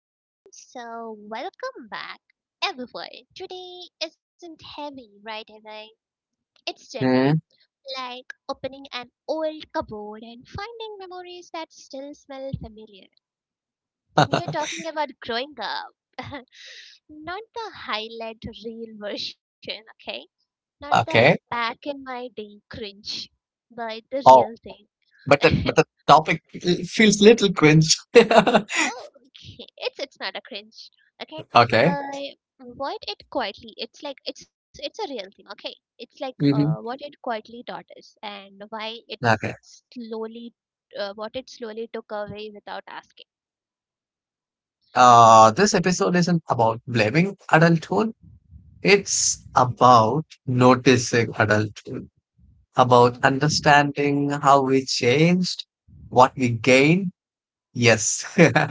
Okay, so welcome back, everyone. Today isn't heavy, right away. It's gentle, hmm, like opening an old cupboard and finding memories that still smell familiar. We are talking about growing up. Not the highlight reel version, okay? Not the okay. back in my day cringe, but the real Oh, but thing. the but the topic feels little cringe. Oh, okay, it's not a cringe, okay? Okay. But what it quietly, it's like it's a real thing, okay? It's like hmm what it quietly taught us and why Okay. slowly, what it slowly took away without asking. This episode isn't about blaming adulthood. It's about noticing adulthood, about Mhm. understanding how we changed, what we gained, yes,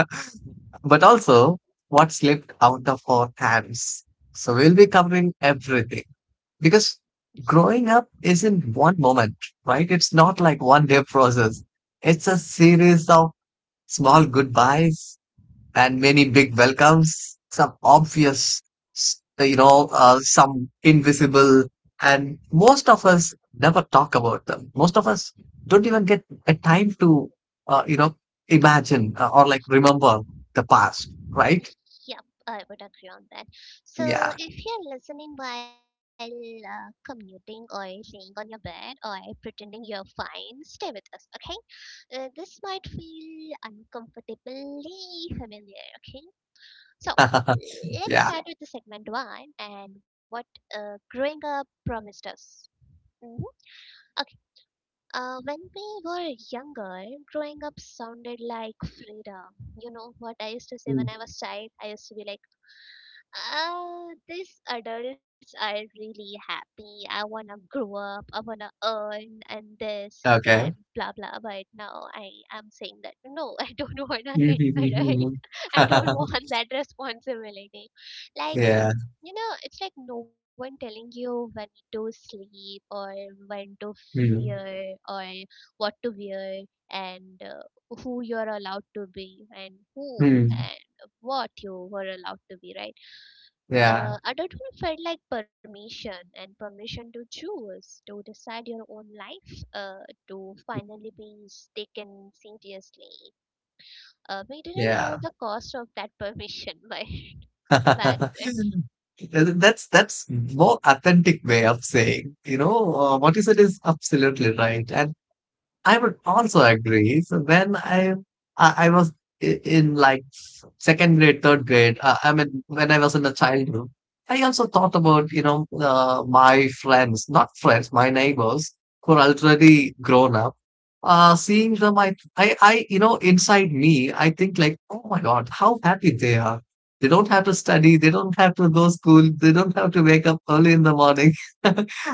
but also what slipped out of our hands. So we'll be covering everything because growing up isn't one moment, right? It's not like one day process. It's a series of small goodbyes, and many big welcomes, some obvious, some invisible, and most of us never talk about them. Most of us don't even get a time to, uh, you know, imagine or like remember the past, right? Yep, I would agree on that. So, Yeah. if you're listening while commuting or laying on your bed or pretending you're fine, stay with us, okay? This might feel uncomfortably familiar, okay? So, yeah. let's start with the segment one and what growing up promised us. Hmm. Okay, when we were younger, growing up sounded like freedom. You know what I used to say when Mm. I was child? I used to be like, these adults are really happy. I wanna grow up. I wanna earn and this and that, Okay. blah blah. But now I am saying that no, I don't wanna get adult. I don't want that responsibility. Like yeah. you know, it's like no one telling you when to sleep or when to Mm. wear or what to wear and who you're allowed to be and who Mm. and what you were allowed to be, right? Yeah. Adulthood felt like permission and permission to choose, to decide your own life, to finally be taken seriously. We didn't Yeah. know the cost of that permission by back then. that's more authentic way of saying what you said is absolutely right, and I would also agree. So when I was in like second grade, third grade, I mean when I was in the childhood, I also thought about my friends, not friends, my neighbors who are already grown up. Seeing them, inside me, I think like, oh my God, how happy they are. They don't have to study. They don't have to go school. They don't have to wake up early in the morning.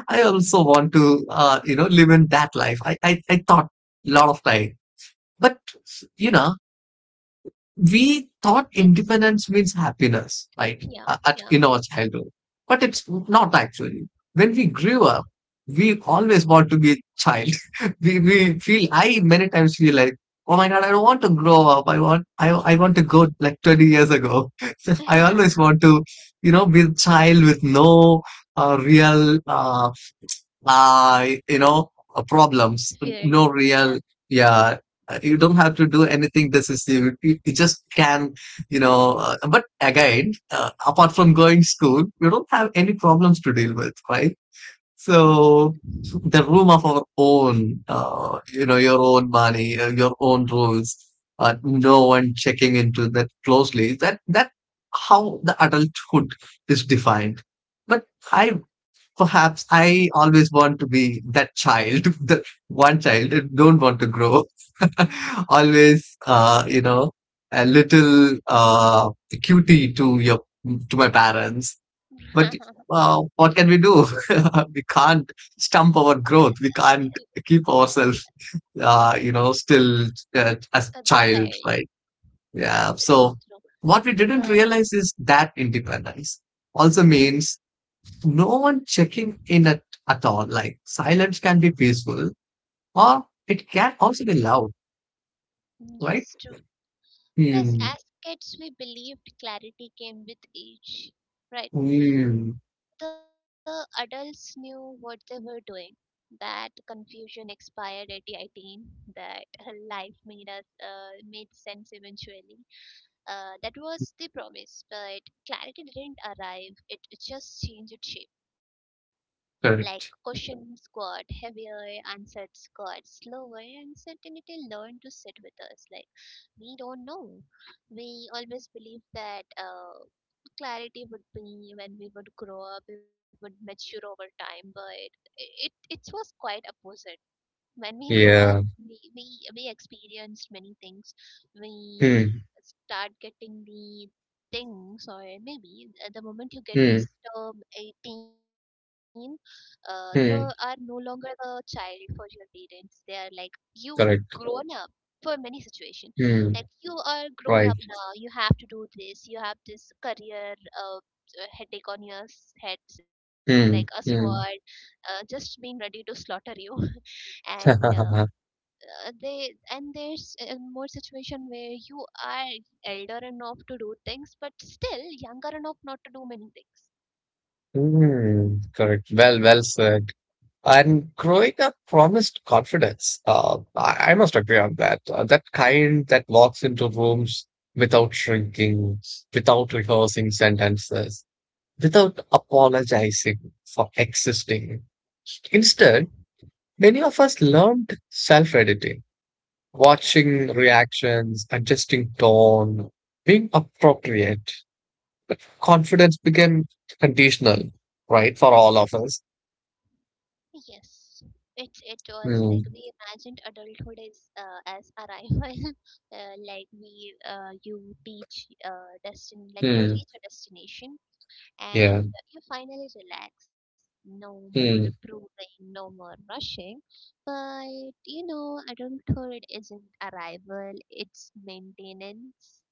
I also want to, live in that life. I thought a lot of time, but you know, we thought Yes. independence means happiness, right? Yeah. Yeah. in our childhood, but Mhm. it's not actually. When we grew up, we always want to be a child. we feel, I many times feel like, oh my God, I don't want to grow up. I want to go like 20 years ago. I Yeah. always want to, you know, be a child with no real, uh, you know, Fear. problems. Yeah. No real, yeah. You don't have to do anything decisive. You just can, you know. But again, apart from going school, you don't have any problems to deal with, right? So the room of our own, your own money, your own rules. No one checking into that closely. That how the adulthood is defined. But I Perhaps I always want to be that child, the one child, and don't want to grow. Mhm. Always, a little cutie to your to my parents. But what can we do? we can't stump our growth. We can't keep ourselves, still the as child. child, right? Yes, Yeah. it's So true. what we But didn't realize is that independence also mhm. means no one checking in at all. Like silence can be peaceful or it can also be loud, right? Yes, true. Because Hmm. as kids, we believed clarity came with age, right? Hmm. The adults knew what they were doing. That confusion expired at 18. That life made sense eventually. That was the promise, but clarity didn't arrive. It just changed shape. Like Correct. questions got heavier, answers got slower, and certainty learned to sit with us. Like we don't know. We always believe that clarity would be when we would grow up, we would mature over time, but it was quite opposite when we grow up Yeah. we we, we experienced many things, we Hmm. start getting the things, or maybe at the moment you get Hmm. this term 18, you are no longer Hmm. the child for your parents. They are like, you Correct. grown up for many situation, like Hmm. you are grown up Right. now, you have to do this, you have this career, headache on your head like a Hmm. sword, Hmm. Just being ready to slaughter you. And they, and there's more situation where you are elder enough to do things but still younger enough not to do many things. Hmm, correct. Well, well said. And growing up promised confidence. I must agree on that. That kind that walks into rooms without shrinking, without rehearsing sentences, without apologizing for existing. Instead, many of us learned self editing, Yeah. watching reactions, adjusting tone, being appropriate. But confidence became conditional, right, for all of us. Yes, it was like Mm, we imagined adulthood is, as arrival, like we you reach destin like you mm, reach a destination, and yeah. you finally relax. No more Mm, proving, no more rushing. But you know, adulthood isn't arrival, it's maintenance.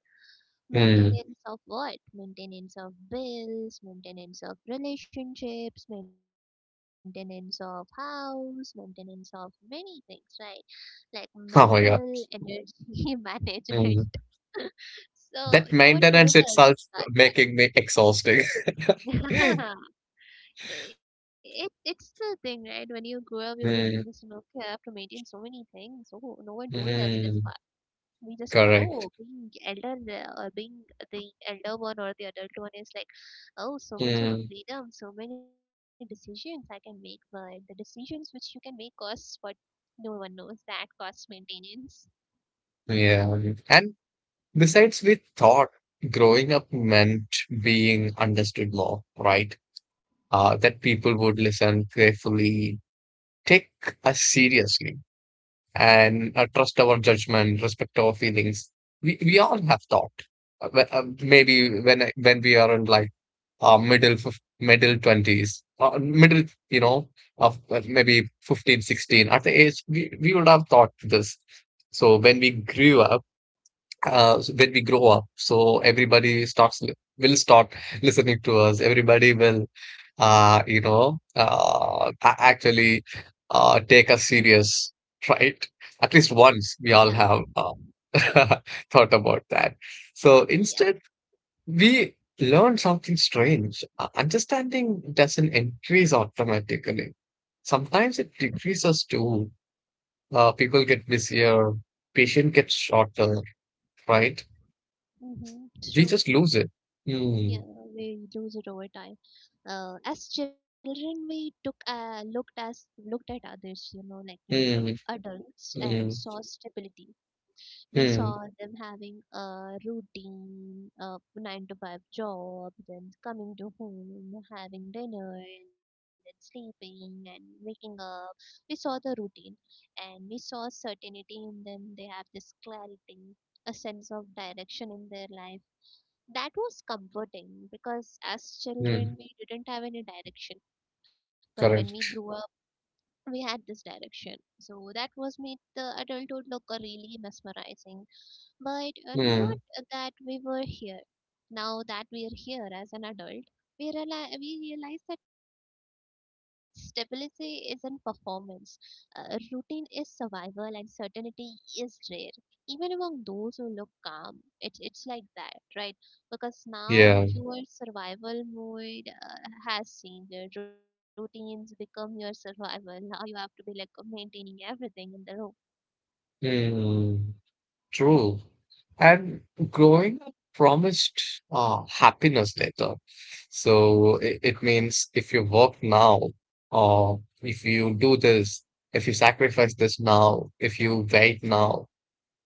mm. Maintenance of what? Maintenance of bills, maintenance of relationships, maintenance of house, maintenance of many things, right? Like mental Oh my God. energy management. Mm. So, no That one told maintenance itself us making me exhausting. that. it it's the thing, right? When you grow up, you would understand. Mm, Okay, I have to maintain so many things. Oh, no one told us this part. mm, We just felt, oh, correct. being elder or being the elder one or the adult one is like, oh, so much of Mm, freedom, so many decisions I can make. But the decisions which you can make costs what no one knows. That costs maintenance. yeah. And Besides, we thought growing up meant being understood more, right? That people would listen carefully, take us seriously, and trust our judgment, respect our feelings. We all have thought. Maybe when we are in like middle twenties, middle you know of maybe 15, 16 at the age we would have thought this. So when we grew up so when we grow up. So everybody will start listening to us. Everybody will, actually take us serious, right? At least Yeah, once we all have thought about that. So yeah. instead, we learn something strange. Understanding doesn't increase automatically. Sometimes it decreases too. People get busier, patient gets shorter, right? We Mm-hmm. just lose it. Mm, Yeah, we lose it over time. As children, we took looked as looked at others, you know, like looked at mm, adults and mm, saw stability. We mm, saw them having a routine, a 9 to 5 job, then coming to home, having dinner, and then sleeping and waking up. We saw the routine, and we saw certainty in them. They have this clarity, a sense of direction in their life that was comforting, because as mm. children we didn't have any direction, but when we grew Correct. up we had this direction, so that was made the adulthood look really mesmerizing, but not Mm, that we were here. Now that we are here as an adult, we realize that stability isn't performance. Routine is survival, and certainty is rare. Even among those who look calm, it's like that, right? Because now yeah. your survival mode has changed. Your routines become your survival. Now you have to be like maintaining everything in the room. Mm, true. And growing up promised happiness later. So it means if you work now, or if you do this, if you sacrifice this now, if you wait now,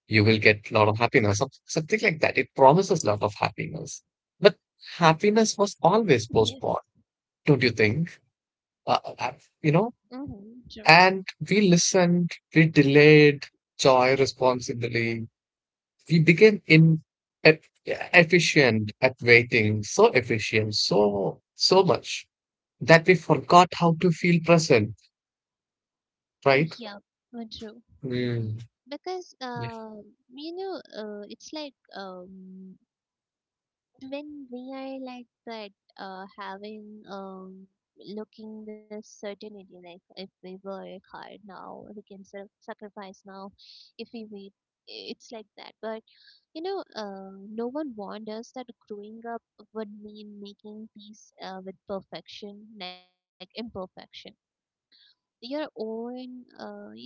you will get a lot of happiness. Some- Something like that. It promises a lot of happiness. But Yes. happiness was always postponed, don't you think? uh, uh, you Mm-hmm. know, and we listened, we delayed joy responsibly. We became e- efficient at waiting, so efficient, so much that we forgot how to feel present, right? Yeah, true. Mm. Because Yeah. You know, it's like when we are like that, having looking this certainty, like if we work hard now, we can sort of sacrifice now, if we wait, it's like that. But you know, no one warned us that growing up would mean making peace with perfection, like imperfection. Your own,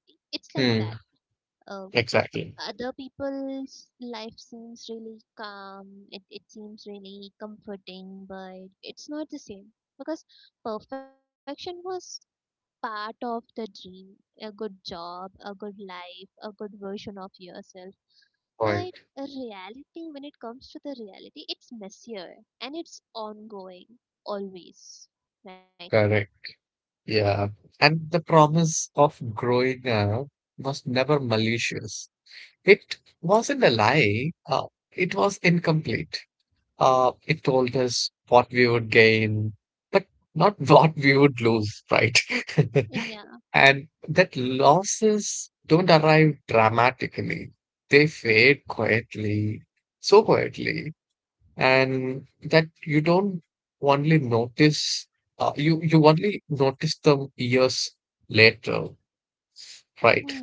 it's like that. Mm. uh. Exactly. Other people's life seems really calm. It seems really comforting, but it's not the same, because perfection was part of the dream, a good job, a good life, a good version of yourself, but Point. a reality, when it comes to the reality, it's messier, and it's ongoing always, right? Correct. Yeah. And the promise of growing up was never malicious. It wasn't a lie. It was incomplete. It told us what we would gain, but not what we would lose, right? Yeah, And that losses don't arrive dramatically. They fade quietly, so quietly, and that you don't only notice, you only notice them years later, yeah, right?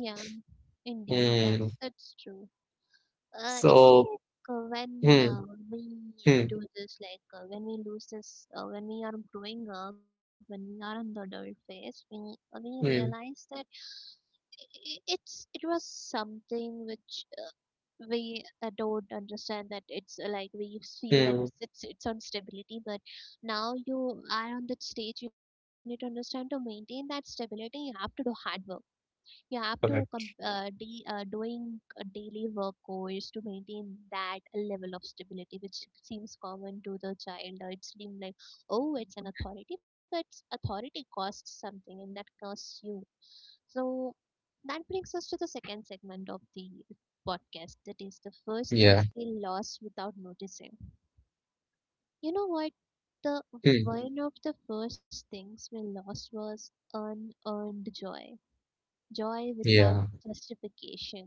indeed, Mm. that's true. It's So, like when mm, we mm, do this, like when we lose this, when we are growing up, when we are in the adult phase, we realize mm, that it's it was something which we don't understand, that it's like we feel that mm. it's it's on stability, but now you are on that stage, you need to understand to maintain that stability, you have to do hard work, yeah, up to com- Okay. De- doing a daily work course to maintain that level of stability, which seems common to the child. It seems like, oh, it's an authority, but authority costs something, and that costs you. So that brings us to the second segment of the podcast. That is the first Yeah. things we lost without noticing. You know what? The Mm. one of the first things we lost was unearned joy, joy without Yeah. justification,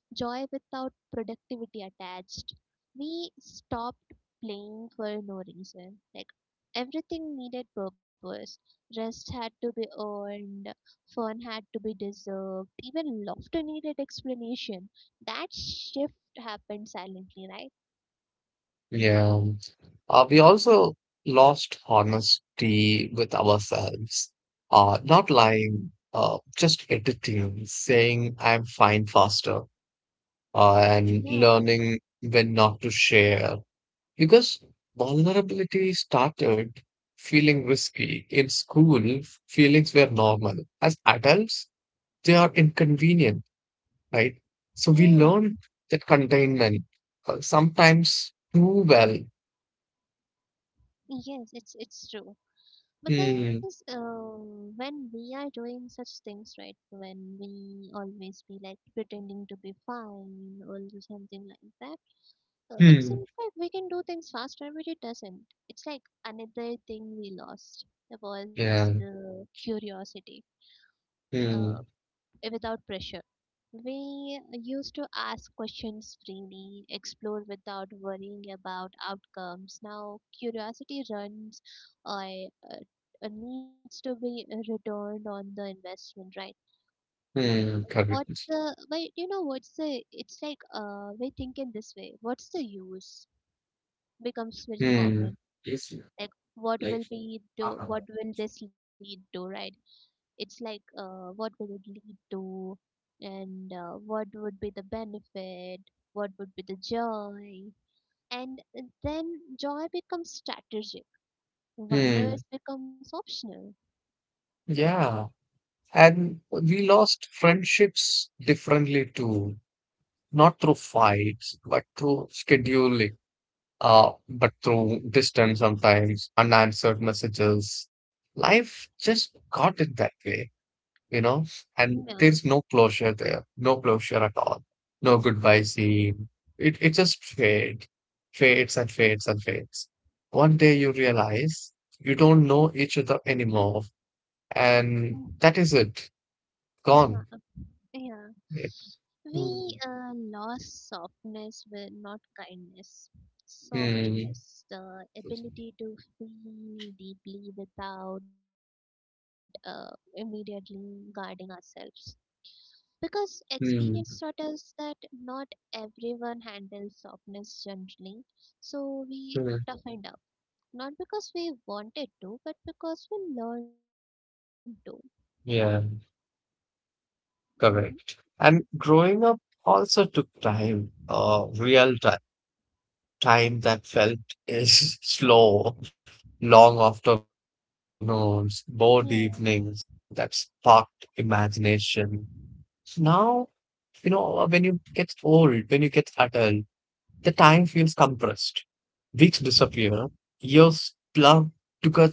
joy without productivity attached. We stopped playing for no reason. Like everything needed purpose. Rest had to be earned, fun had to be deserved, even laughter needed explanation. That shift happened silently, right? Yeah. We also lost honesty with ourselves. Not lying, just editing, saying I'm fine faster, and Yeah, learning when not to share. Because vulnerability started feeling risky. In school, feelings were normal. As adults, they are inconvenient, right? So we yeah, learned that containment sometimes too well. yes, it's true. Because Hmm. When we are doing such things, right, when we always be like pretending to be fine or something like that, it Hmm. seems like we can do things faster, but it doesn't. It's like another thing we lost was Yeah. the curiosity, uh, Hmm. without pressure. We used to ask questions freely, explore without worrying about outcomes. Now curiosity runs I needs to be returned on the investment, right? Hmm. What Correct. the but you know what's the it's like We think in this way. What's the use becomes very Hmm. common. Yes. Like what Like. will be do, Uh-huh. what will this lead to, right? It's like, what will it lead to? And what would be the benefit? What would be the joy? And then joy becomes strategic. Hmm. Wonders becomes optional. Yeah. And we lost friendships differently too, not through fights, but through scheduling, but through distance sometimes, unanswered messages. Life just got it that way. You know, and Yeah. there's no closure there, no closure at all, no goodbye scene. It just fades, fades and fades and fades. One day you realize you don't know each other anymore, Mm, and that is it, yeah. Gone. Yeah. It- We Mm, lost softness with not kindness. mm, Softness, the ability to feel deeply without immediately guarding ourselves. Because experience taught mm, us that not everyone handles softness gently, so we mm. toughened up. Not because we wanted to, but because we learned to. Yeah, Mm-hmm. correct. And growing up also took time, real time. Time that felt is slow, long afternoons, bored Yeah, evenings that sparked imagination. Now, you know, when you get old, when you get adult, the time feels compressed. Weeks disappear, years plug together,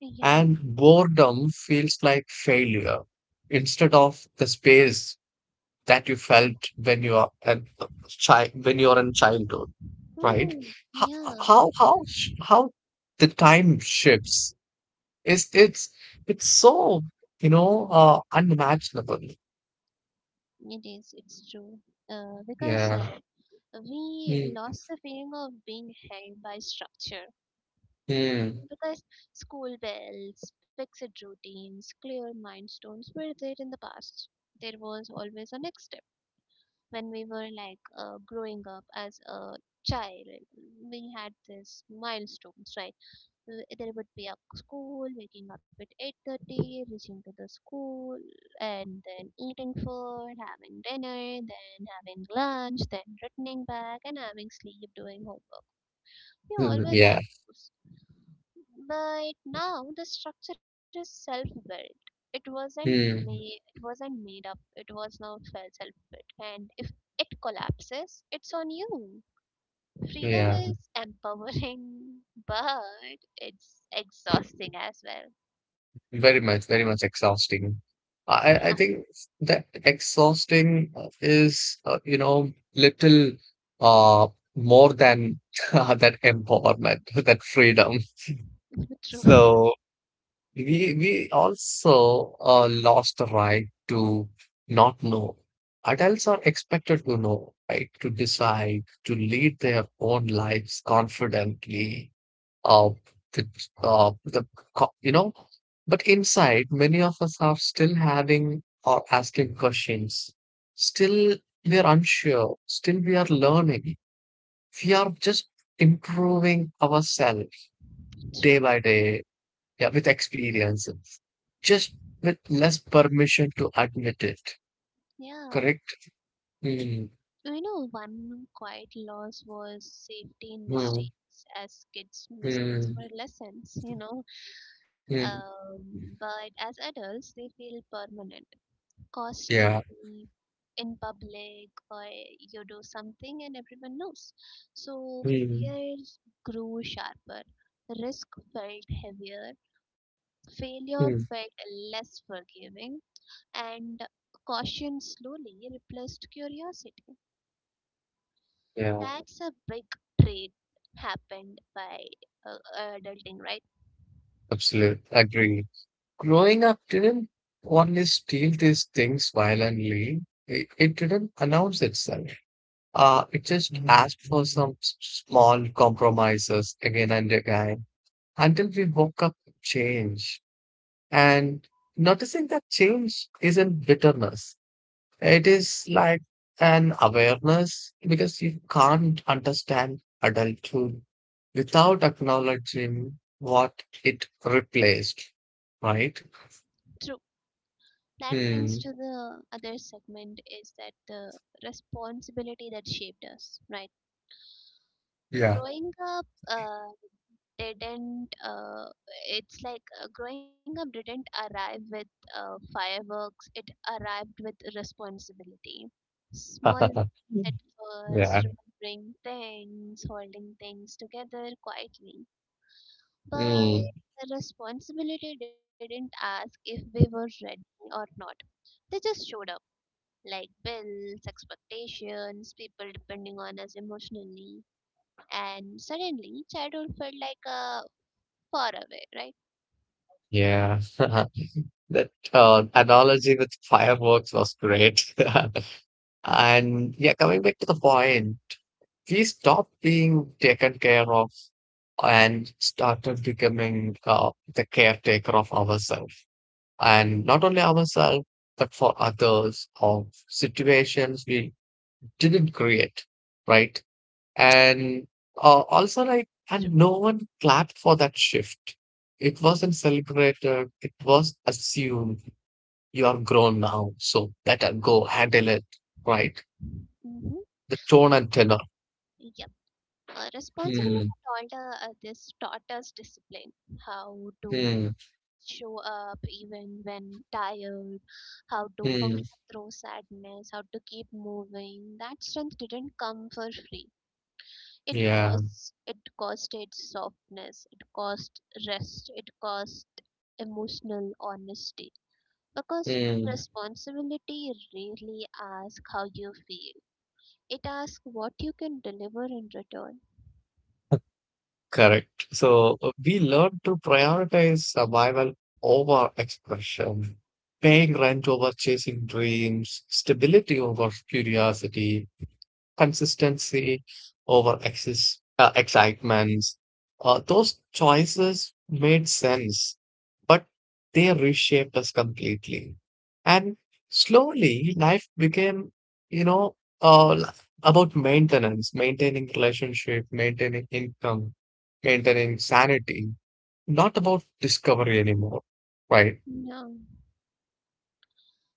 and yeah, boredom feels like failure instead of the space that you felt when you are a child, when you are in childhood. Right. mm-hmm. how Yeah. how the time shifts. Is it's so, you know, unimaginable. It is. It's true. Because Yeah. We Mm, lost the feeling of being held by structure. mm, Because school bells, fixed routines, clear milestones were there in the past. There was always a next step. When we were like growing up as a child, we had this milestones, right? There would be a school, waking up at 8:30, reaching to the school, and then eating food, having dinner, then having lunch, then returning back and having sleep, doing homework, we mm, always yeah. have those, but now the structure is self-built. It wasn't made. Mm, It wasn't made up. It was now self-built. And if it collapses, it's on you. Freedom yeah. is empowering, but it's exhausting as well. Very much, very much exhausting. I Yeah, I I think that exhausting is, little uh more than that empowerment, that freedom. true, So we also lost the right to not know. Adults are expected to know, right? To decide, to lead their own lives confidently. Uh, with, the co- you know, but inside, many of us are still having or asking questions. Still, we are unsure. Still, we are learning. We are just improving ourselves true. day by day, yeah, with experiences, just with less permission to admit it, Yeah, correct? Mm, you know, one quiet loss was safety in mm, mistakes, as kids' mistakes mm, were lessons, you know, mm. But as adults, they feel permanent, costly Yeah. in public, or you do something and everyone knows. So Mm, fears grew sharper, risk felt heavier, failure mm. felt less forgiving, and caution slowly replaced curiosity. Yeah, That's a big trait happened by adulting, right? absolutely. Agree. Growing up didn't only steal these things violently. It didn't announce itself. It just Mhm. asked for some small compromises again and again until we woke up to change. And noticing that change isn't bitterness. It is like an awareness because you can't understand adulthood without acknowledging what it replaced, right? True. That Hmm. brings to the other segment is that the responsibility that shaped us, right? Yeah. growing up didn't It's like growing up didn't arrive with fireworks, it arrived with responsibility, small ones at first, Yeah. remembering things, holding things together quietly, but Mm, the responsibility didn't ask if we were ready or not. They just showed up, like bills, expectations, people depending on us emotionally, and suddenly childhood felt like far away, right? yeah. That analogy with fireworks was great. And yeah, coming back to the point, we stopped being taken care of and started becoming the caretaker of ourselves, and not only ourselves, but for others of situations we didn't create, right? And also, like, So. and no one clapped for that shift. It wasn't celebrated, it was assumed you are grown now, so better go handle it, right? Hmm. The tone and tenor. Yep. Responsibility Hmm. taught, this taught us discipline, how to Hmm. show up even when tired, how to function Hmm. through sadness, how to keep moving. That strength didn't come for free. It Yeah. costs. It costed softness. It cost rest. It cost emotional honesty. Because Hmm. responsibility rarely asks how you feel, it asks what you can deliver in return. Correct. So we learn to prioritize survival over expression, paying rent over chasing dreams, stability over curiosity, consistency over excess, excitement. Those choices made sense, but they reshaped us completely. And slowly, life became, you know, uh, li- about maintenance, maintaining relationship, maintaining income, maintaining sanity, not about discovery anymore, right? No,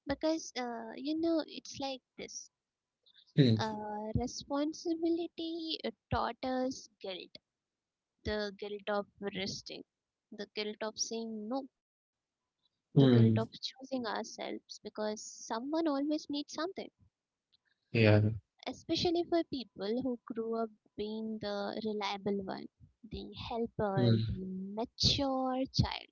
because you know, it's like this, Hmm. Responsibility taught us guilt, the guilt of resting, the guilt of saying no, the guilt of Hmm. choosing ourselves, because someone always needs something, Yeah. especially for people who grew up being the reliable one, the helper, Hmm. the mature child.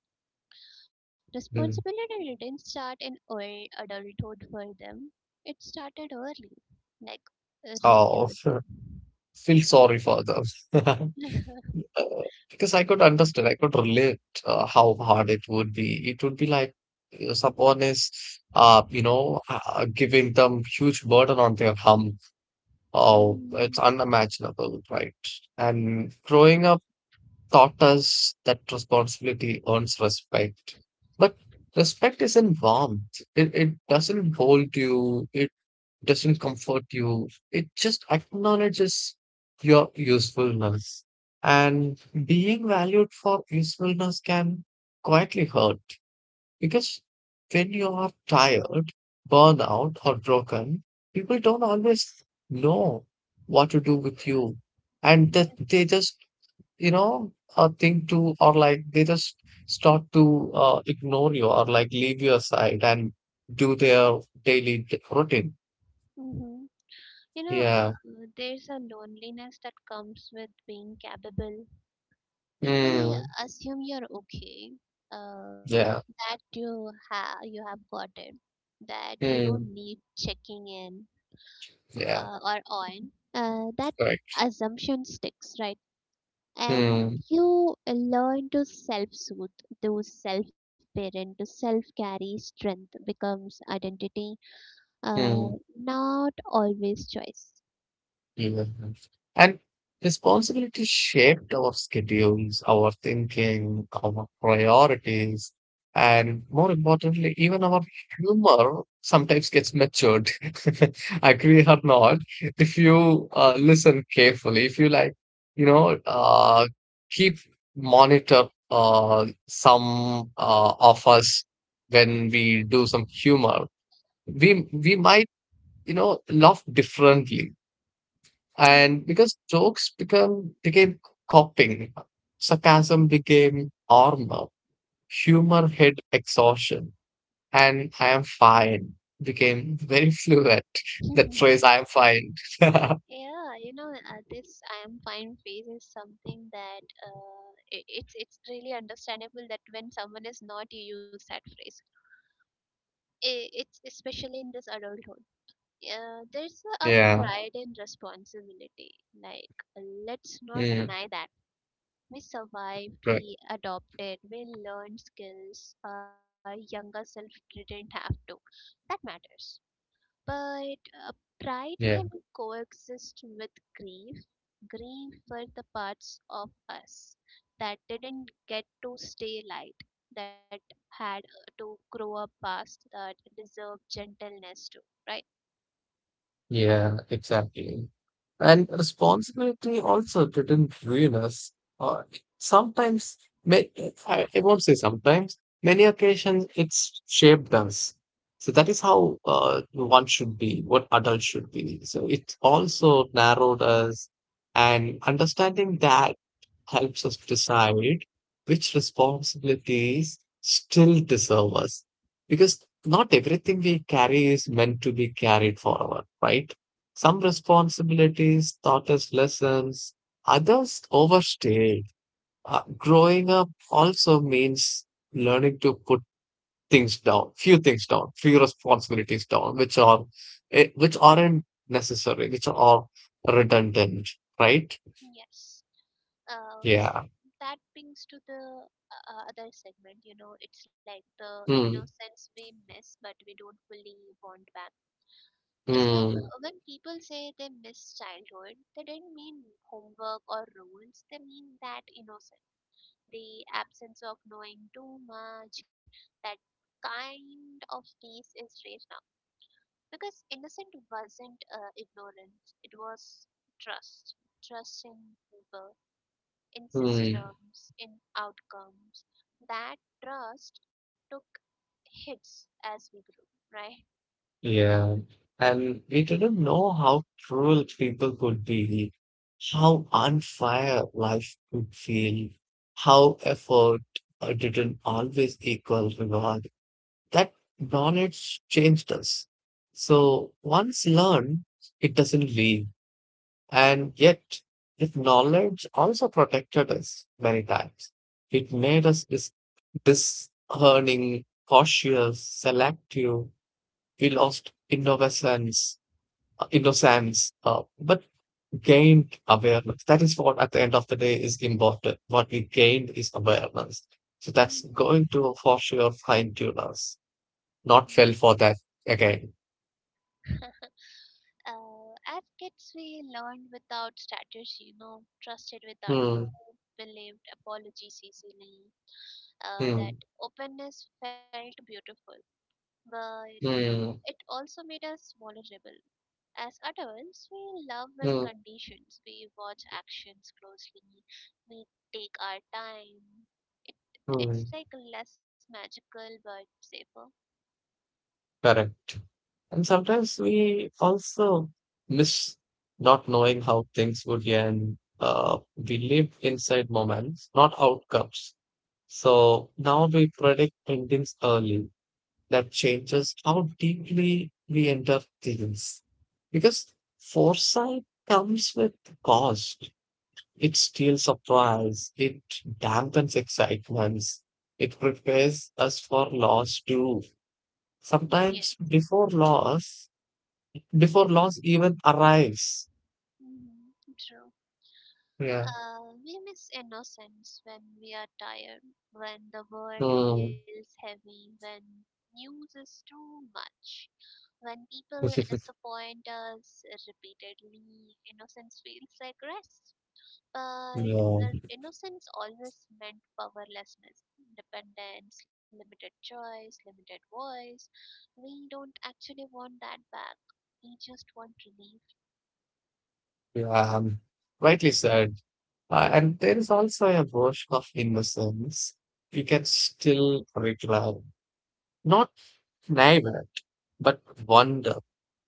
Hmm. Responsibility didn't start in early adulthood for them, it started early, like, really Oh, early. feel sorry for them. Uh, because I could understand, I could relate how hard it would be. It would be like someone is giving them huge burden on their hum. Oh, it's Mm, unimaginable, right? And growing up taught us that responsibility earns respect, but respect isn't warmth. It doesn't hold you. It doesn't comfort you. It just acknowledges your usefulness. And being valued for usefulness can quietly hurt because when you are tired, burned out, or broken, people don't always know what to do with you. And that they yes. just, think to, or like they just start to ignore you or like leave your side and do their daily routine. Mm-hmm. You know, Yeah. there's a loneliness that comes with being capable. People Mm, assume you're okay, uh, yeah. that you have got it, that you don't Mm, need checking in, yeah. Or on. That Correct. assumption sticks, right? And Mm, you learn to self-soothe, to self-parent, to self-carry, strength becomes identity, uh, mm, not always choice. yeah. And responsibility shaped our schedules, our thinking, our priorities, and more importantly, even our humor sometimes gets matured. Agree or not, if you listen carefully, if you like, you know, uh, keep monitor some of us when we do some humor we might, you know, laugh differently. Yeah. And because jokes become became coping, sarcasm became armor, humor hit exhaustion, and I am fine became very fluent. That phrase, I am fine. Yeah, you know, this I am fine phase is something that I it's really understandable that when someone is not, you use that phrase. I it's especially in this adulthood. There's a Yeah. pride and responsibility. Like, let's not mm, deny that. We survived, right. we adopted, we learned skills our younger self didn't have to. That matters. But uh, pride can Yeah. coexist with grief, grieved for the parts of us that didn't get to stay light, that had to grow up fast, that deserve gentleness too, right? Yeah, exactly. And responsibility also didn't ruin us. Uh, Sometimes, may I won't say sometimes, many occasions it's shaped us. So that is how one should be, what adults should be. So it also narrowed us, and understanding that helps us decide which responsibilities still deserve us. Because not everything we carry is meant to be carried forward, right? Some responsibilities taught us lessons, others overstayed. Growing up also means learning to put things down, few responsibilities down, which are which aren't necessary, which are redundant, right? Yes. Um, Yeah. that brings to the other segment, you know, it's like the Hmm. innocence we miss, but we don't fully want back. It's like, Hmm. when people say they miss childhood, they didn't mean homework or rules, they mean that innocence, the absence of knowing too much. That kind of peace is rare now. Because innocent wasn't ignorance, it was trust. Trust in people, in Hmm. systems, in outcomes. That trust took hits as we grew, right? Yeah, and we didn't know how cruel people could be, how unfair life could feel, how effort didn't always equal reward. That knowledge changed us. So once learned, it doesn't leave. And yet, that knowledge also protected us many times. It made us discerning, cautious, selective. We lost innocence, but gained awareness. That is what, at the end of the day, is important. What we gained is awareness. So that's Mhm. going to for sure fine tune us. Not Yes. fell for that again. As kids, we learned without strategy, you know, trusted without Hmm. proof, believed apologies easily. That Hmm. openness felt beautiful, but it Hmm. also made us vulnerable. As adults, we love with Hmm. conditions. We watch actions closely. We take our time. It Hmm. it's like less magical but safer. Correct. And sometimes we also miss not knowing how things would end. We live inside moments, not outcomes. So now we predict endings early, that changes how deeply we enter things. Because foresight comes with cost. It steals surprise. It dampens excitements. It prepares us for loss too. Sometimes Yes. Before loss even arrives. Hmm. True. Yeah. We miss innocence when we are tired, when the world Mm. feels heavy, when news is too much. When people disappoint us repeatedly, innocence feels like rest. But Yeah. Innocence always meant powerlessness, dependence, limited choice, limited voice. We don't actually want that back. We just want relief. Yeah. Rightly said. And there is also a version of innocence. We can still regret. Not flavor, but wonder,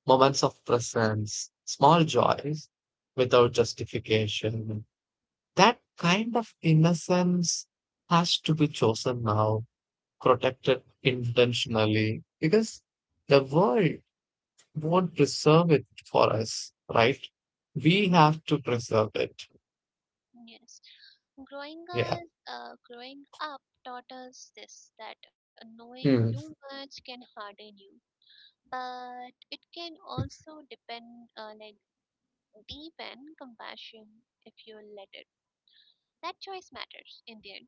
moments of presence, small joys without justification. That kind of innocence has to be chosen now, protected intentionally, because the world won't preserve it for us, right? We Mm. have to preserve it. Yes. Yeah. Growing up taught us this, that knowing too Hmm. much can harden you, but it can also depend, like deep and compassion, if you let it. That choice matters in the end,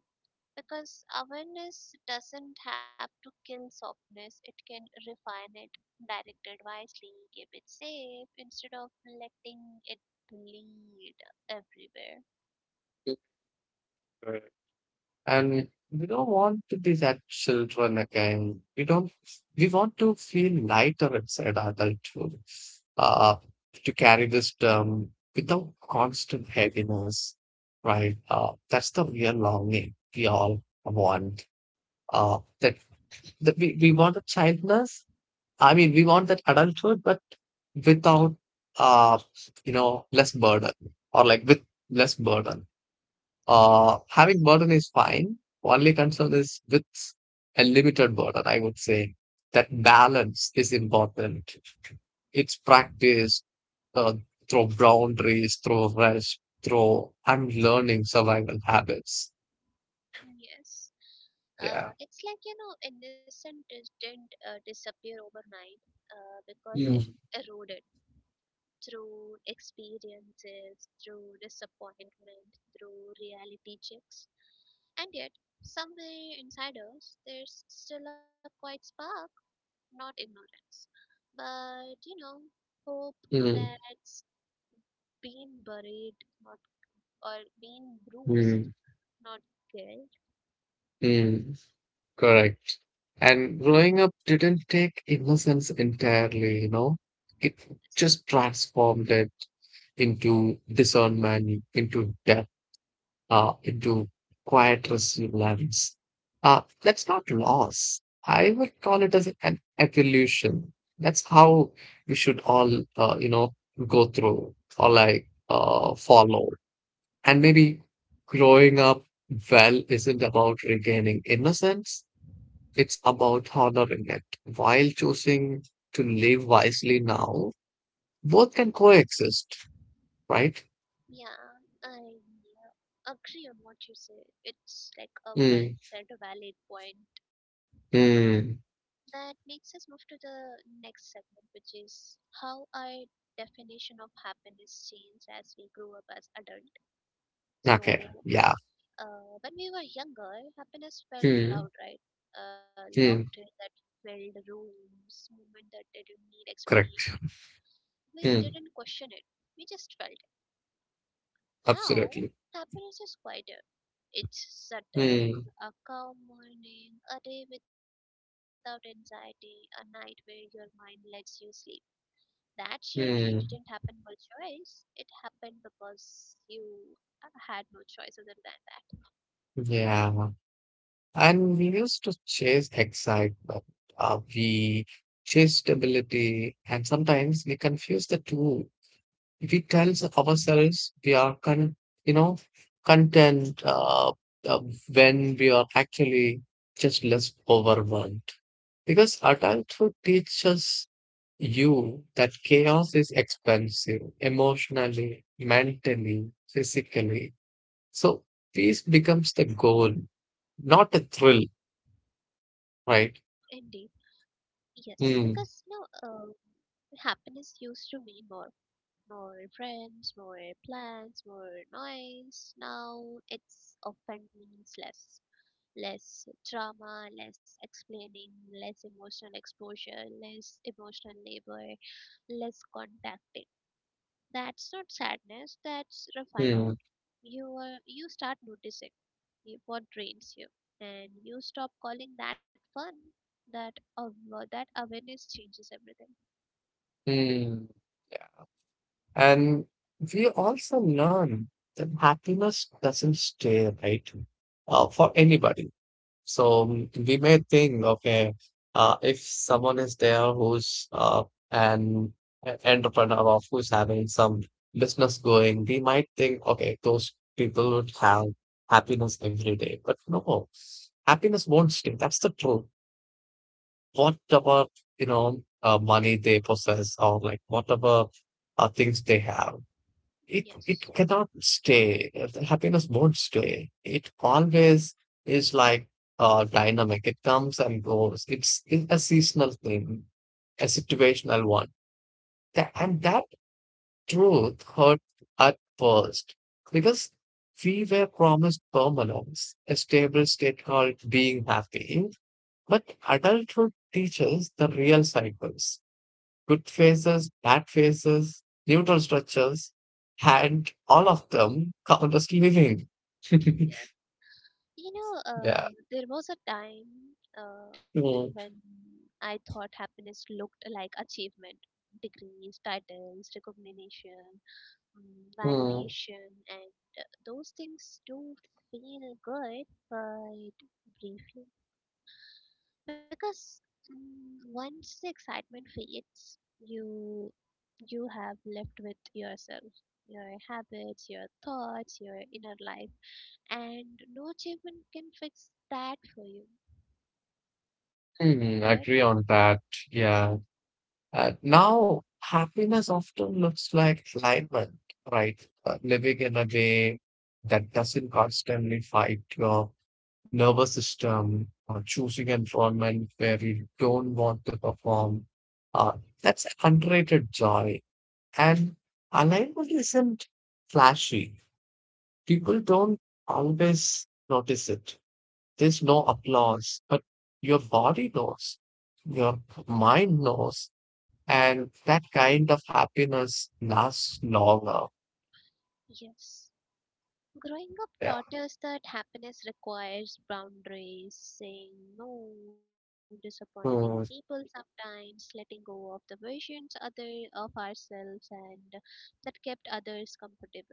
because awareness doesn't have to kill softness, it can refine it, direct it wisely, keep it safe instead of letting it bleed everywhere. And we don't want to be that children again. We don't, We want to feel lighter inside adulthood, uh, to carry this term without constant heaviness, right? That's the real longing we all want. Uh, that, that we want the childness. I mean, we want that adulthood, but without, uh, less burden or like with less burden. Yes, Having burden is fine. Only concern is with a limited burden, I would say. That balance is important. It's practice uh, through boundaries, through rest, through and learning survival habits. yes. Yeah. It's like, you know, innocent didn't disappear overnight, because it Mm, eroded through experiences, through disappointment, through reality checks. And yet, somewhere inside us, there's still a quiet spark, not ignorance, but, you know, hope mm, that's been buried, not or been bruised, mm, not killed. mm. Correct. And growing up didn't take innocence entirely, you know, it Yes. just transformed it into discernment, into depth into quiet resilience. That's not loss. I would call it as an evolution. That's how we should all, go through or like follow. And maybe growing up well isn't about regaining innocence. It's about honoring it while choosing to live wisely now. Both can coexist, right? Yeah, I agree on what you say. It's like a well Mm, said, valid point. mm, That makes us move to the next segment, which is how our definition of happiness changed as we grew up as adult. So, okay. Yeah. When we were younger, happiness felt loud, Hmm. right? Laughter Hmm. that filled rooms, movement that didn't need explanation. Correct. We Hmm. didn't question it. We just felt it. Now, Absolutely. happiness is quieter. It's subtle, Hmm. a calm morning, a day without anxiety, a night where your mind lets you sleep. That shift didn't happen Hmm. by choice. It happened because you had no choice other than that. Yeah. And we used to chase excitement. We chase stability, and sometimes we confuse the two. We tell ourselves we are you know, content uh, when we are actually just less overwhelmed. Because adulthood teaches you that chaos is expensive emotionally, mentally, physically. So peace becomes the goal, not a thrill, Indeed, right? yes, because, you know, Hmm, happiness used to mean more, more friends, more plans, more noise. Now it's often means less, less drama, less explaining, less emotional exposure, less emotional labor, less contacting. That's not sadness. That's refinement. hmm, You are, you start noticing what drains you, and you stop calling that fun. That of that awareness changes everything. hmm. And we also learn that happiness doesn't stay, right? For anybody. So mm, we may think, okay, if someone is there who's an entrepreneur or who's having some business going, we might think, okay, those people would have happiness every day. But no, happiness won't stay. That's the truth. Whatever, money they possess or like whatever things they have, Yes. it cannot stay. The happiness won't stay. It always is like dynamic. It comes and goes. It's a seasonal thing, a situational one. And that truth hurt at first because we were promised permanence, a stable state called being happy. But adulthood teaches the real cycles, good faces, bad faces, neutral structures, and all of them count as living. Yeah. You know, Yeah. There was a time when Mm, I thought happiness looked like achievement, degrees, titles, recognition, mm, validation, and those things do feel good, but briefly. Because once the excitement fades, you you have left with yourself, your habits, your thoughts, your inner life, and no achievement can fix that for you, do it. Agree on that. Yeah. Now, happiness often looks like alignment, right? Living in a way that doesn't constantly fight your nervous system or choosing an environment where you don't want to perform. Uh, that's underrated joy. And alignment isn't flashy. People don't always notice it. There's no applause, but your body knows, your mind knows, and that kind of happiness lasts longer. Yes, growing up Yeah. taught us that happiness requires boundaries, saying no, disappointing people, Mm, sometimes letting go of the versions other of ourselves, and that kept others comfortable.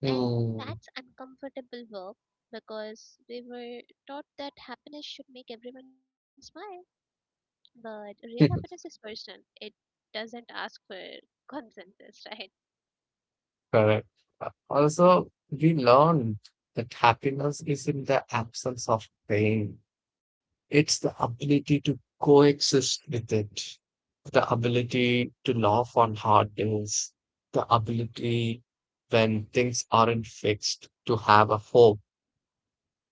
And mm. that's uncomfortable work, because we were taught that happiness should make everyone smile. But real happiness is personal, it doesn't ask for consensus, right? Correct. Also, we learn that happiness is in the absence of pain. It's the ability to coexist with it, the ability to laugh on hard days, the ability when things aren't fixed to have a hope,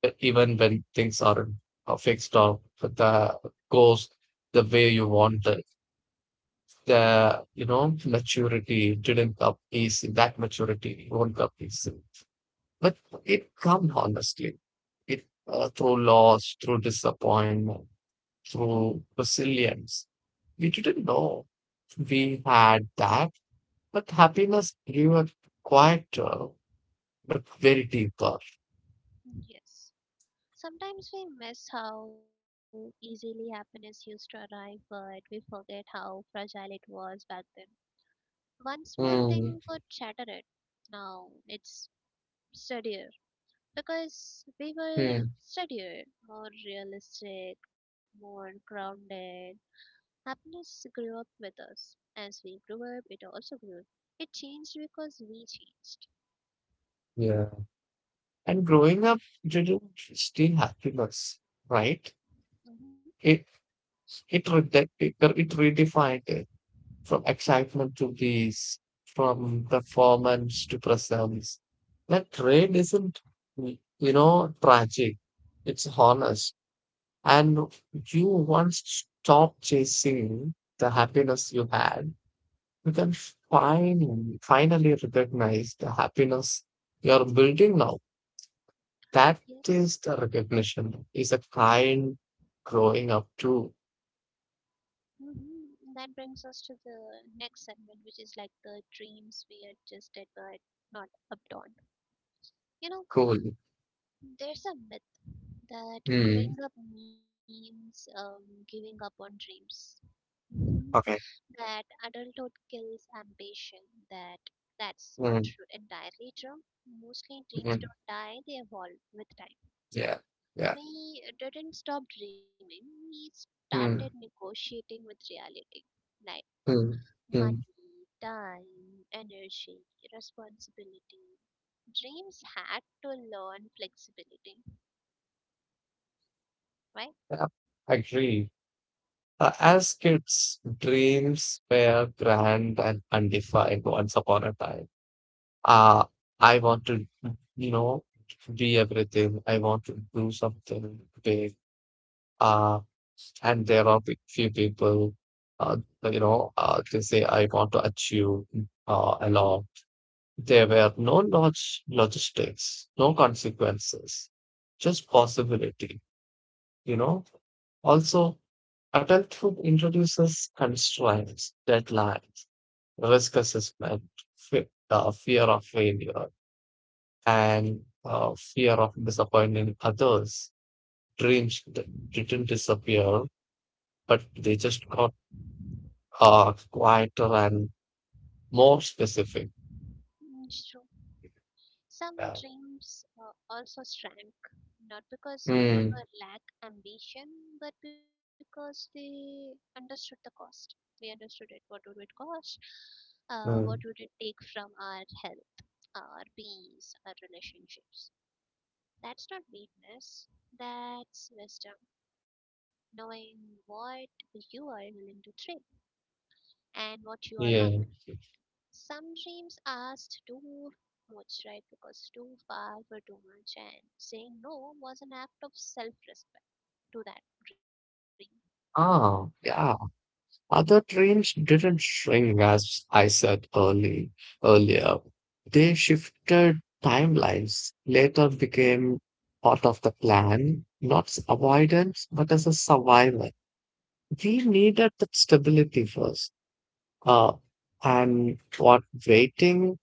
even when things aren't fixed or the goes the way you want it. The You know, maturity didn't come easy. That maturity won't come easy, but it come honestly. It Through loss, through disappointment, true resilience. We didn't know we had that, but happiness grew a quieter but very deeper. Yes. Sometimes we miss how easily happiness used to arrive, but we forget how fragile it was back then. One small thing Hmm. could shatter it. Now it's steadier, because we were Hmm. steadier, more realistic, more grounded. Happiness grew up with us. As we grew up, it also grew. It changed because we changed. Yeah. And growing up didn't steal happiness, right? Hmm. It it it redefined it from excitement to peace, from performance to presence. That trade isn't, you know, tragic. It's honest. And you once stop chasing the happiness you had, you can finally recognize the happiness you're building now. That Yes. is the recognition, is a kind growing up too. Mm-hmm. That brings us to the next segment, which is like the dreams we adjusted but not updawn. You know, Cool. there's a myth that growing Hmm. up means giving up on dreams, Okay. that adulthood kills ambition. That that's not Hmm. true entirely true. Mostly dreams Hmm. don't die; they evolve with time. Yeah. Yeah. We didn't stop dreaming. We started Hmm. negotiating with reality, like Hmm. Hmm. money, time, energy, responsibility. Dreams had to learn flexibility, right? Yeah. Agree. As kids, dreams were grand and undefined once upon a time. Uh, I want to, you know, be everything. I want to do something big. Uh, and there are few people, uh, they say, I want to achieve a lot. There were no logistics, no consequences, just possibility, you know. Also, adulthood introduces constraints, deadlines, risk assessment, fear of failure and fear of disappointing others. Dreams didn't disappear, but they just got quieter and more specific. Mm. True. Some Yeah. dreams also shrank, not because they were Hmm. lack ambition, but because they understood the cost. We understood it. What would it cost? What would it Hmm. take from our health, our peace, our relationships? That's not weakness. That's wisdom. Knowing what you are willing to trade and what you are not. Yeah. Some dreams asked too much, right? Because too far were too much, and saying no was an act of self respect to that dream Ah, yeah. Other dreams didn't shrink as I said early earlier. They shifted timelines, later became part of the plan, not as avoidance, but as a survival. We needed that stability first. Uh, and what waiting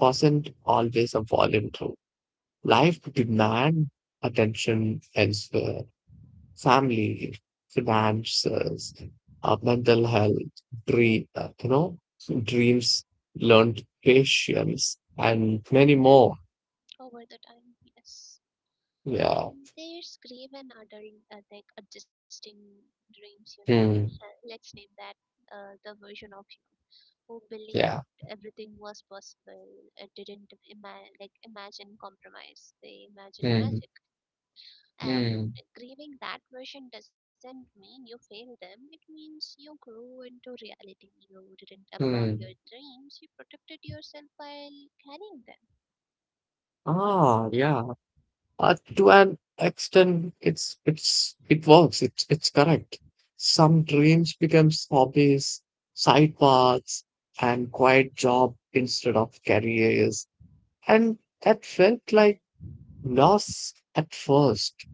wasn't always a voluntary. Life demand attention elsewhere, family, finances, mental health, dream, uh, you know, dreams, learned patience, and many more. over the time. Yes. Yeah. There's grave and adult, like adjusting dreams, you know. Hmm. Let's name that, the version of you who believed Yeah. everything was possible, didn't like imagine compromise, they imagined Hmm. magic. And Hmm. grieving that version doesn't mean you failed them. It means you grew into reality. You didn't abandon your Hmm. dreams. You protected yourself while carrying them. Ah, yeah. To an extent it's it works, it's correct. Some dreams becomes hobbies, side paths, and quiet job instead of careers, and that felt like loss at first,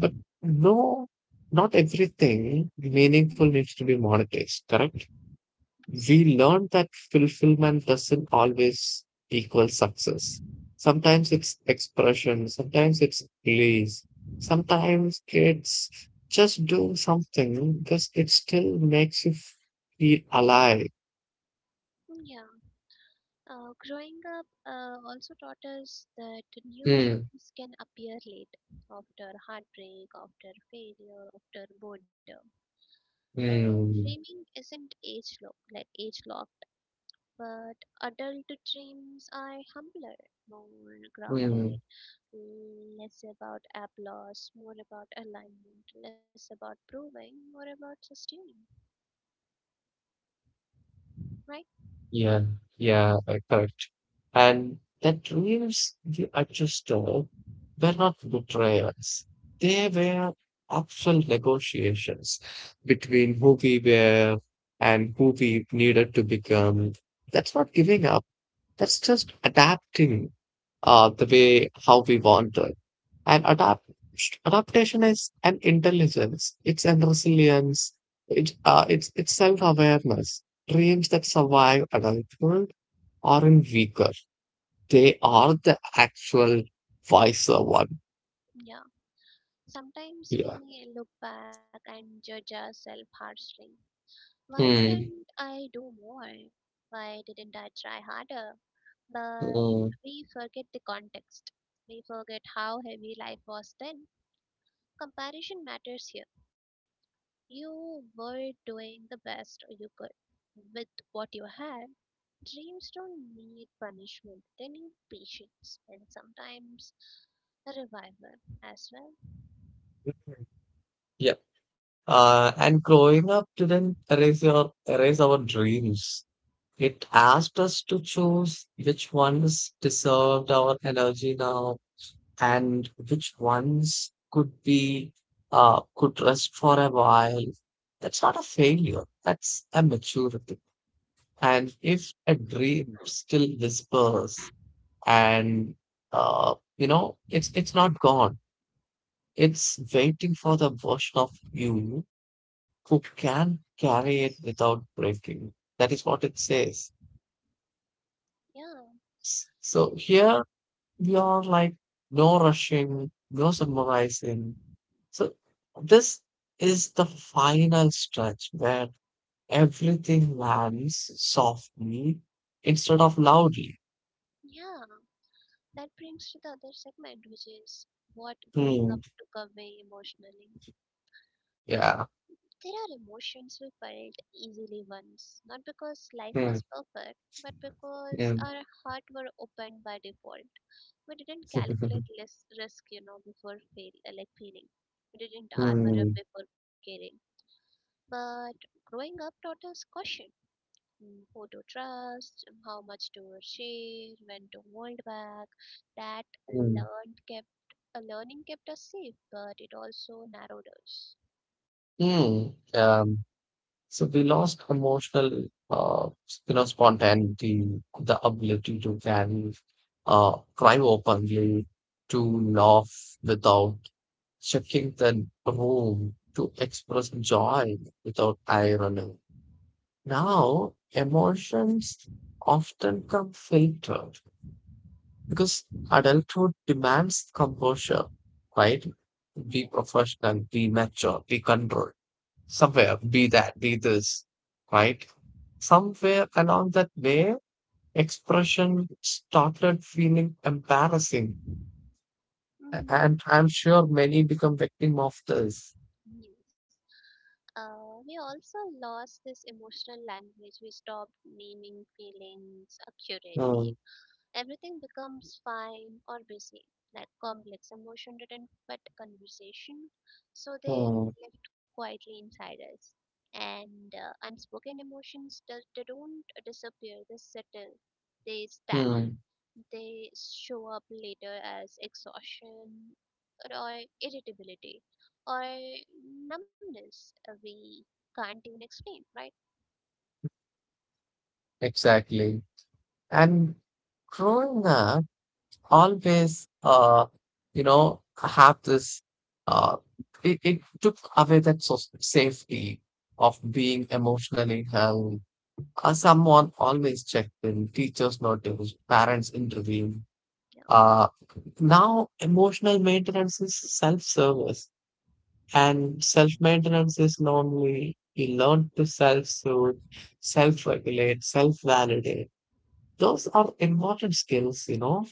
but no, not everything Mhm. meaningful needs to be monetized. Correct, S- we learn that fulfillment doesn't always equal success. Sometimes it's expression, sometimes it's release, sometimes it's just do something because it still makes you feel alive. Yeah. Growing up also taught us that new Mm, dreams can appear late, after heartbreak, after failure, after boredom. Dreaming mm, isn't age lock, like age lock. But adult dreams are humbler, more grounded, mm. less about applause, more about alignment, less about proving, more about sustaining, right? Yeah, yeah, correct. And that dreams you are just told were not betrayals. They were actual negotiations between who we were and who we needed to become. That's not giving up. That's just adapting the way how we want it. And adaptation is an intelligence. It's an resilience. It's self awareness. Dreams that survive adulthood aren't weaker. They are the actual wiser one. Yeah. Sometimes Yeah. we look back and judge ourselves harshly. Why didn't Hmm. I do more? Why didn't I try harder? But Hmm. we forget the context. We forget how heavy life was then. Comparison matters here. You were doing the best you could with what you had. Dreams don't need punishment, they need patience and sometimes a revival as well. Yeah. And growing up didn't erase our dreams. It asked us to choose which ones deserved our energy now and which ones could be could rest for a while. That's not a failure. That's a maturity. And if a dream still whispers and you know, it's not gone. It's waiting for the version of you who Yes. can carry it without breaking. That is what it says. Yeah, So here you're like, no rushing, no summarizing. So this is the final stretch where everything lands softly instead of loudly. yeah. That brings to the other segment, which is what growing up Hmm. took away emotionally. Yeah. There are emotions we felt easily once, not because life was Hmm. perfect, but because Yeah. our heart were opened by default. We didn't calculate less risk, you know, before, like failing. We didn't armor up Hmm. before caring. But growing up taught us caution. Who to trust, how much to share, when to hold back. That Hmm. learned kept learning kept us safe, but it also narrowed us. Hmm. Um, So we lost emotional, uh, spontaneity, the ability to carry, cry openly, to laugh without checking the room, to express joy without irony. Now, emotions often come filtered because adulthood demands composure, right? Yeah. Be professional, be mature, be controlled. Somewhere, be that, be this, right? Somewhere along that way, expression started feeling embarrassing. Mhm. And I'm sure many become victim of this. Yes. We also lost this emotional language. We stopped naming feelings accurately. Mm, Everything becomes fine or busy, like complex emotion didn't fit conversation, so they mm, lived quietly inside us. And unspoken emotions, they don't disappear, they settle, they stack, mm, they show up later as exhaustion or irritability or numbness we can't even explain, right? exactly. And growing up, always have this uh it took away that safety of being emotionally held, someone always checked in, teachers notice, parents intervene. Yeah. uh Now emotional maintenance is self-service, and self-maintenance is normally we learn to self-soothe, self-regulate, self-validate. Those are important skills, you know,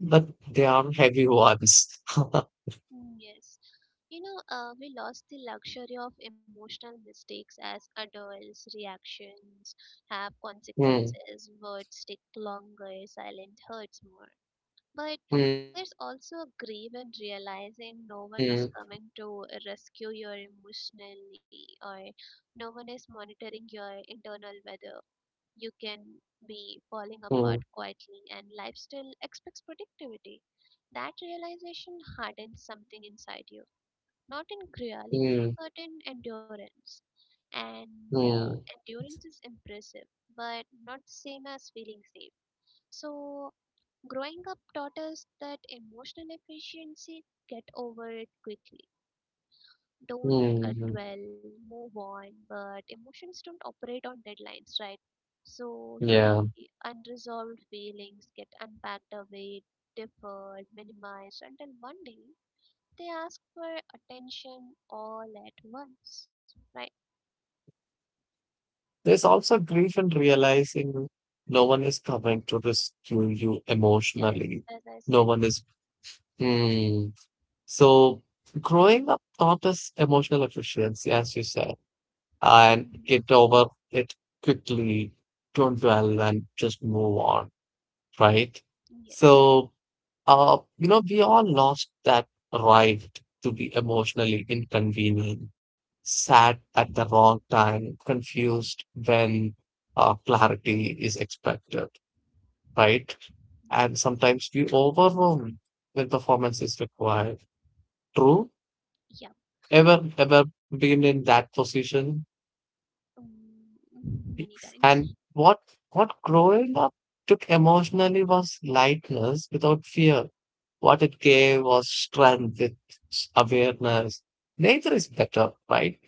but they are heavy ones. Mm. Yes. You know, we lost the luxury of emotional mistakes as adults. Reactions have Hmm. consequences. Words stick longer, silent hurts more. But Hmm. there's also a grief in realizing no one is coming to rescue you emotionally, or no one is monitoring your internal weather. You can Hmm. be falling apart quietly, and life still expects productivity. That realization hardens something inside you, not in cruelty, Hmm. but in endurance. And Hmm. endurance is impressive, but not the same as feeling safe. So, growing up taught us that emotional efficiency, get over it quickly, don't uh, mm. dwell, move on, but emotions don't operate on deadlines, right? So we Yeah. unresolved feelings get unpacked away, deferred, minimized until one day they ask for attention all at once, right? There's also grief in realizing no one is coming to rescue you Yes, emotionally. as I said. No one is. Hmm. So growing up taught us emotional efficiency, as you said, Mhm. and get over it quickly, don't dwell, and just move on, right? Yes. So you know, we all lost that right to be emotionally inconvenient, sad Mhm. at the wrong time, confused when clarity is expected, right? And sometimes we overwhelmed when performance is required. True? Yeah. Ever, ever been in that position? Mm, many times. And what growing up took emotionally was lightness without fear. What it gave was strength with awareness. Neither is better, right?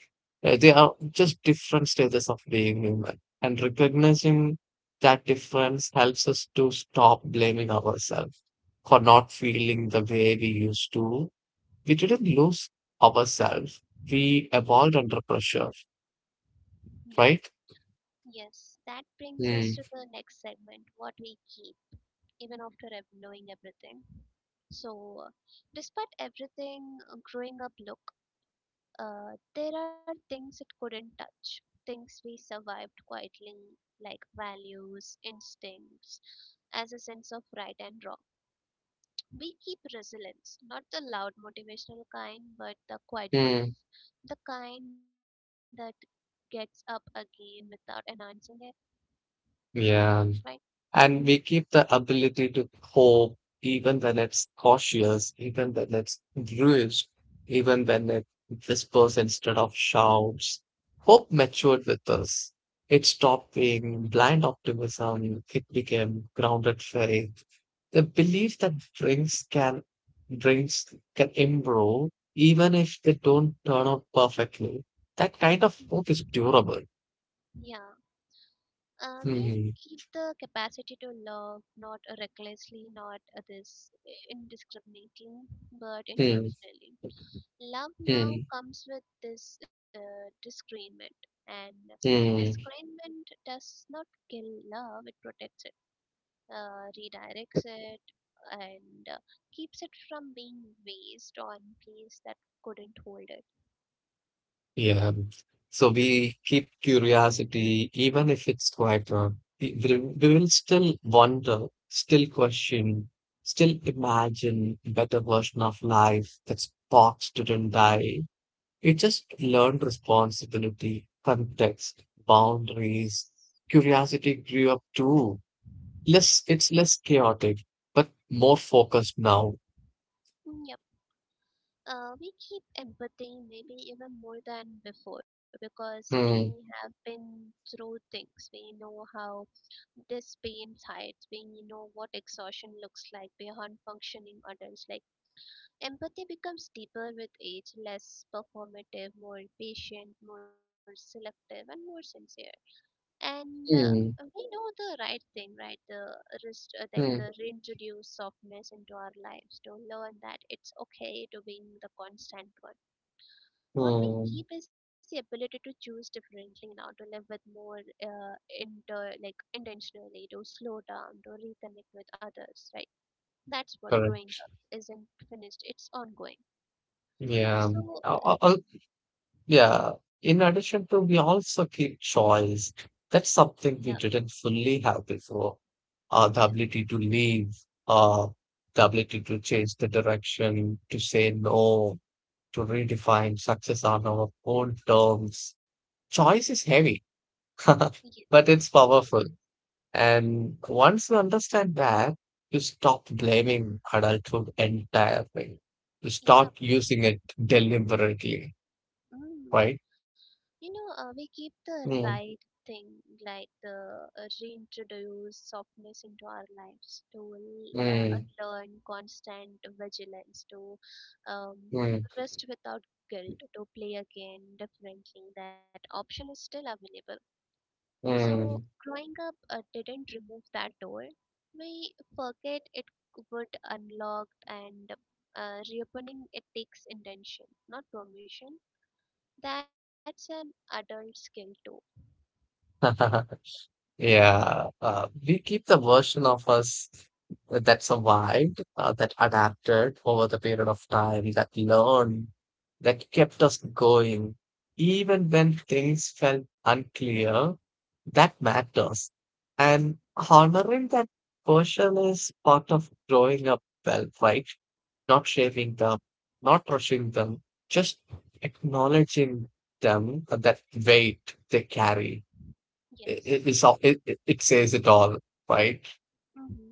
They are just different stages of being human. And recognizing that difference helps us to stop blaming ourselves for not feeling the way we used to. We didn't lose ourselves. We evolved under pressure, Yeah. right? Yes, that brings us to Mm, the next segment, what we keep, even after knowing everything. So, despite everything, growing up, look, there are things it couldn't touch, things we survived quietly, like values, instincts, as a sense of right and wrong. We keep resilience, not the loud motivational kind, but the quiet ones, mm, the kind that gets up again without announcing it, right? yeah. And we keep the ability to hope even when it's cautious, even when it's bruised, even when it whispers instead of shouts. Hope matured with us. It stopped being blind optimism. It became grounded faith. The belief that drinks can improve even if they don't turn out perfectly. That kind of hope is durable. Yeah. We Hmm. keep the capacity to love, not recklessly, not this indiscriminately, but Hmm. intentionally. Love now Hmm. comes with this discernment, and Hmm. discernment does not kill love; it protects it, redirects it, and keeps it from being waste on place that couldn't hold it. Yeah. So we keep curiosity, even if it's quite wrong. We will still wonder, still question, still imagine a better version of life that sparks didn't die. You just learned responsibility, context, Yes. boundaries. Curiosity grew up too. Less, it's less chaotic, but more focused now. Mm. Yep. We keep empathy, maybe even more than before, because we have Hmm. been through things. We know how this pain hides. We know what exhaustion looks like beyond functioning adults. Like, empathy becomes deeper with age, less performative, more patient, more selective, and more sincere. And Hmm. we know the right thing, right? The rest, like the Hmm. reintroduce softness into our lives, to learn that it's okay to being the constant one. What we keep Hmm. is the ability to choose differently now, to live with more uh, inter like intentionally, to slow down, to reconnect with others, right? That's what growing up Correct. isn't, finished, it's ongoing. Yeah. So Al- al- Yeah, in addition to, we also keep choice. That's yeah. something we didn't fully have before. Yeah. The ability to leave, uh, the ability to change the direction, to say no, to redefine success on our own terms. Choice is heavy, Yes but it it's is. powerful. And once you understand that, you stop blaming adulthood entirely. You Yeah. start using it deliberately, Mm. right? You know, we keep the right Mm, thing, like the reintroduce softness into our lives, to uh, mm. learn constant vigilance, to um, 嗯 rest without guilt, to play again differently. That option is still available. So, 嗯，growing up didn't remove that door. We forget it would unlock, and reopening it takes intention, not permission. That's an adult skill too, right? 哈哈哈。Yeah, we keep the version of us that survived, that adapted over the period of time, that learned, that kept us going, even when things felt unclear. That matters. And honoring that version is part of growing up well, right? Not shaving them, not rushing them, just acknowledging them, that weight they carry Yes. it, it it is all it, it, it says it all, right? Mm-hmm.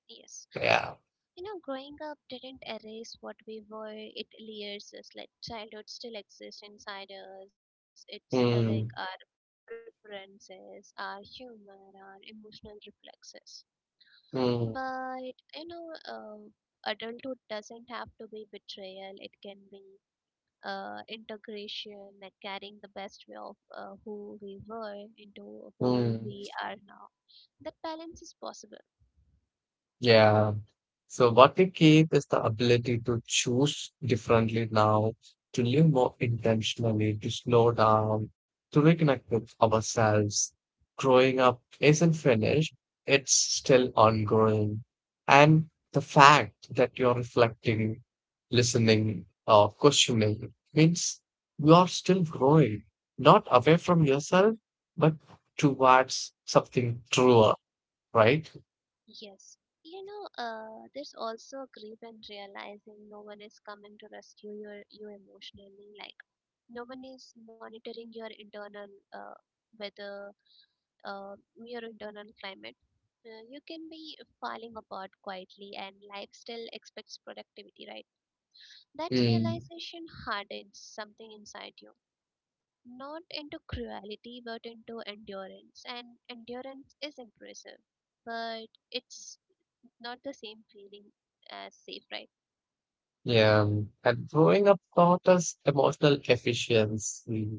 Yes. Yeah. You know, growing up didn't erase what we were. It layers us, like childhood still exists inside us. It's like our Mm, preferences, our humor, our emotional reflexes. But, mm, you know, adulthood doesn't have to be betrayal. It can be integration, like carrying the best way of who we were into who we mm. are now. That balance is possible. Yeah. So what we keep is the ability to choose differently now, to live more intentionally, to slow down, to reconnect with ourselves. Growing up isn't finished, it's still ongoing. And the fact that you're reflecting, listening, or questioning means you are still growing, not away from yourself, but towards something truer, right? Yes. You know, there's also grief and realizing no one is coming to rescue you emotionally. Like, no one is monitoring your internal weather, uh, your internal climate. You can be falling apart quietly, and life still expects productivity, right? That Mm. realization hardens something inside you, not into cruelty, but into endurance. And endurance is impressive, but it's not the same feeling as safe, right? Yeah, and growing up taught us emotional efficiency.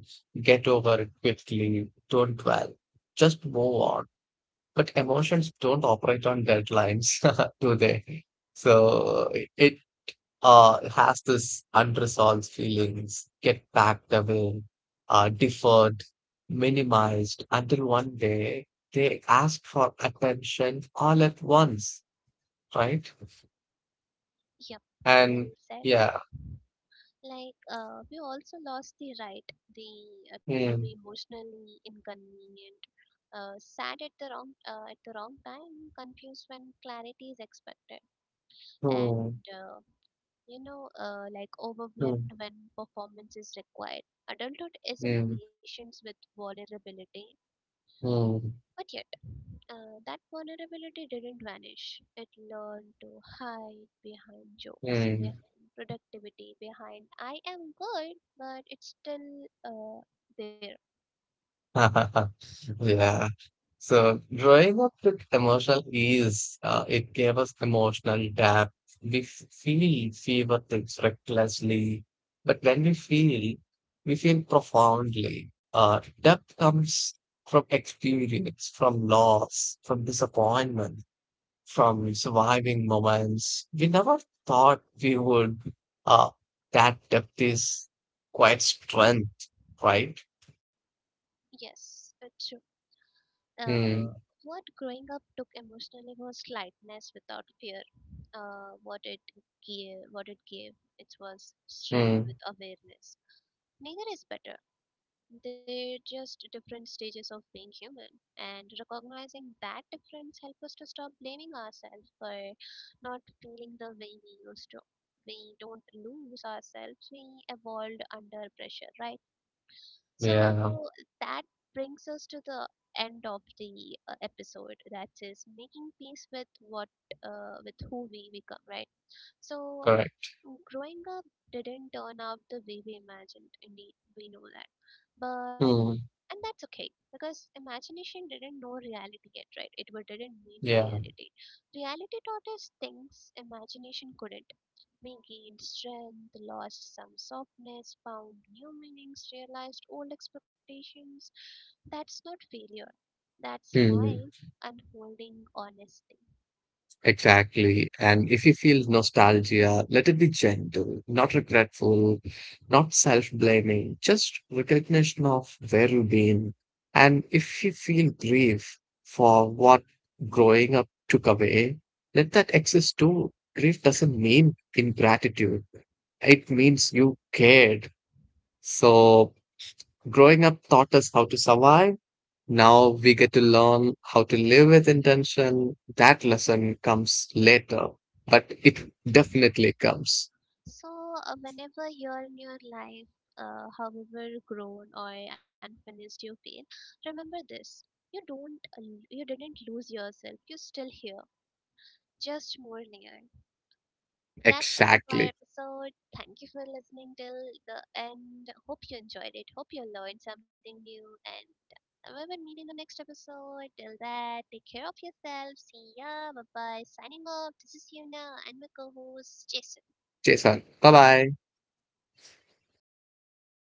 Get over it quickly, don't dwell, just move on. But emotions don't operate on deadlines, do they? So it has this unresolved feelings, get packed away, deferred, minimized until one day they ask for attention all at once, right? Yep, well And said. yeah, Like, we also lost the right the to be mm, emotionally inconvenient, sad at the wrong time, confused when clarity is expected, and mm, you know, like mm. overwhelmed when performance is required. Adulthood isn't Mm, patience with vulnerability; mm, but yet, that vulnerability didn't vanish. It learned to hide behind jokes, mm. behind productivity, behind I am good, but it's still there. Yeah. So growing up with emotional ease, it gave us emotional depth. We feel fever things recklessly, but when we feel profoundly. Depth comes from experience, from loss, from disappointment. From surviving moments we never thought we would. Uh, that depth is quite strength, right? Yes, it's true. Uh, Hmm. what growing up took emotionally was lightness without fear. Uh, what it what it gave, it was strength with Hmm. awareness. Neither is better, they're just different stages of being human, and recognizing that difference helps us to stop blaming ourselves for not feeling the way we used to. We don't lose ourselves, we evolved under pressure, right? So Yeah. that brings us to the end of the episode, that is making peace with what, with who we become, right? So Correct. growing up didn't turn out the way we imagined, indeed we know that, but Hmm. and that's okay, because imagination didn't know reality yet, right? Didn't meet the Yeah. reality. Reality taught us things imagination couldn't. We gained strength, lost some softness, found new meanings, realized old expectations. That's not failure, that's life Hmm. unfolding honestly. Exactly. And if you feel nostalgia, let it be gentle, not regretful, not self-blaming, just recognition of where you've been. And if you feel grief for what growing up took away, let that exist too. Grief doesn't mean ingratitude. It means you cared. So growing up taught us how to survive. Now we get to learn how to live with intention. That lesson comes later, but it definitely comes. So, whenever you're in your life, however grown or unfinished you feel, remember this: you don't, l- you didn't lose yourself. You're still here, just more near. That's end of our Exactly. episode. Thank you for listening till the end. Hope you enjoyed it. Hope you learned something new. And we will meet in the next episode. Till that, take care of yourself. See ya. Bye bye. Signing off. This is Yuna, and my co-host Jason. Jason, bye bye.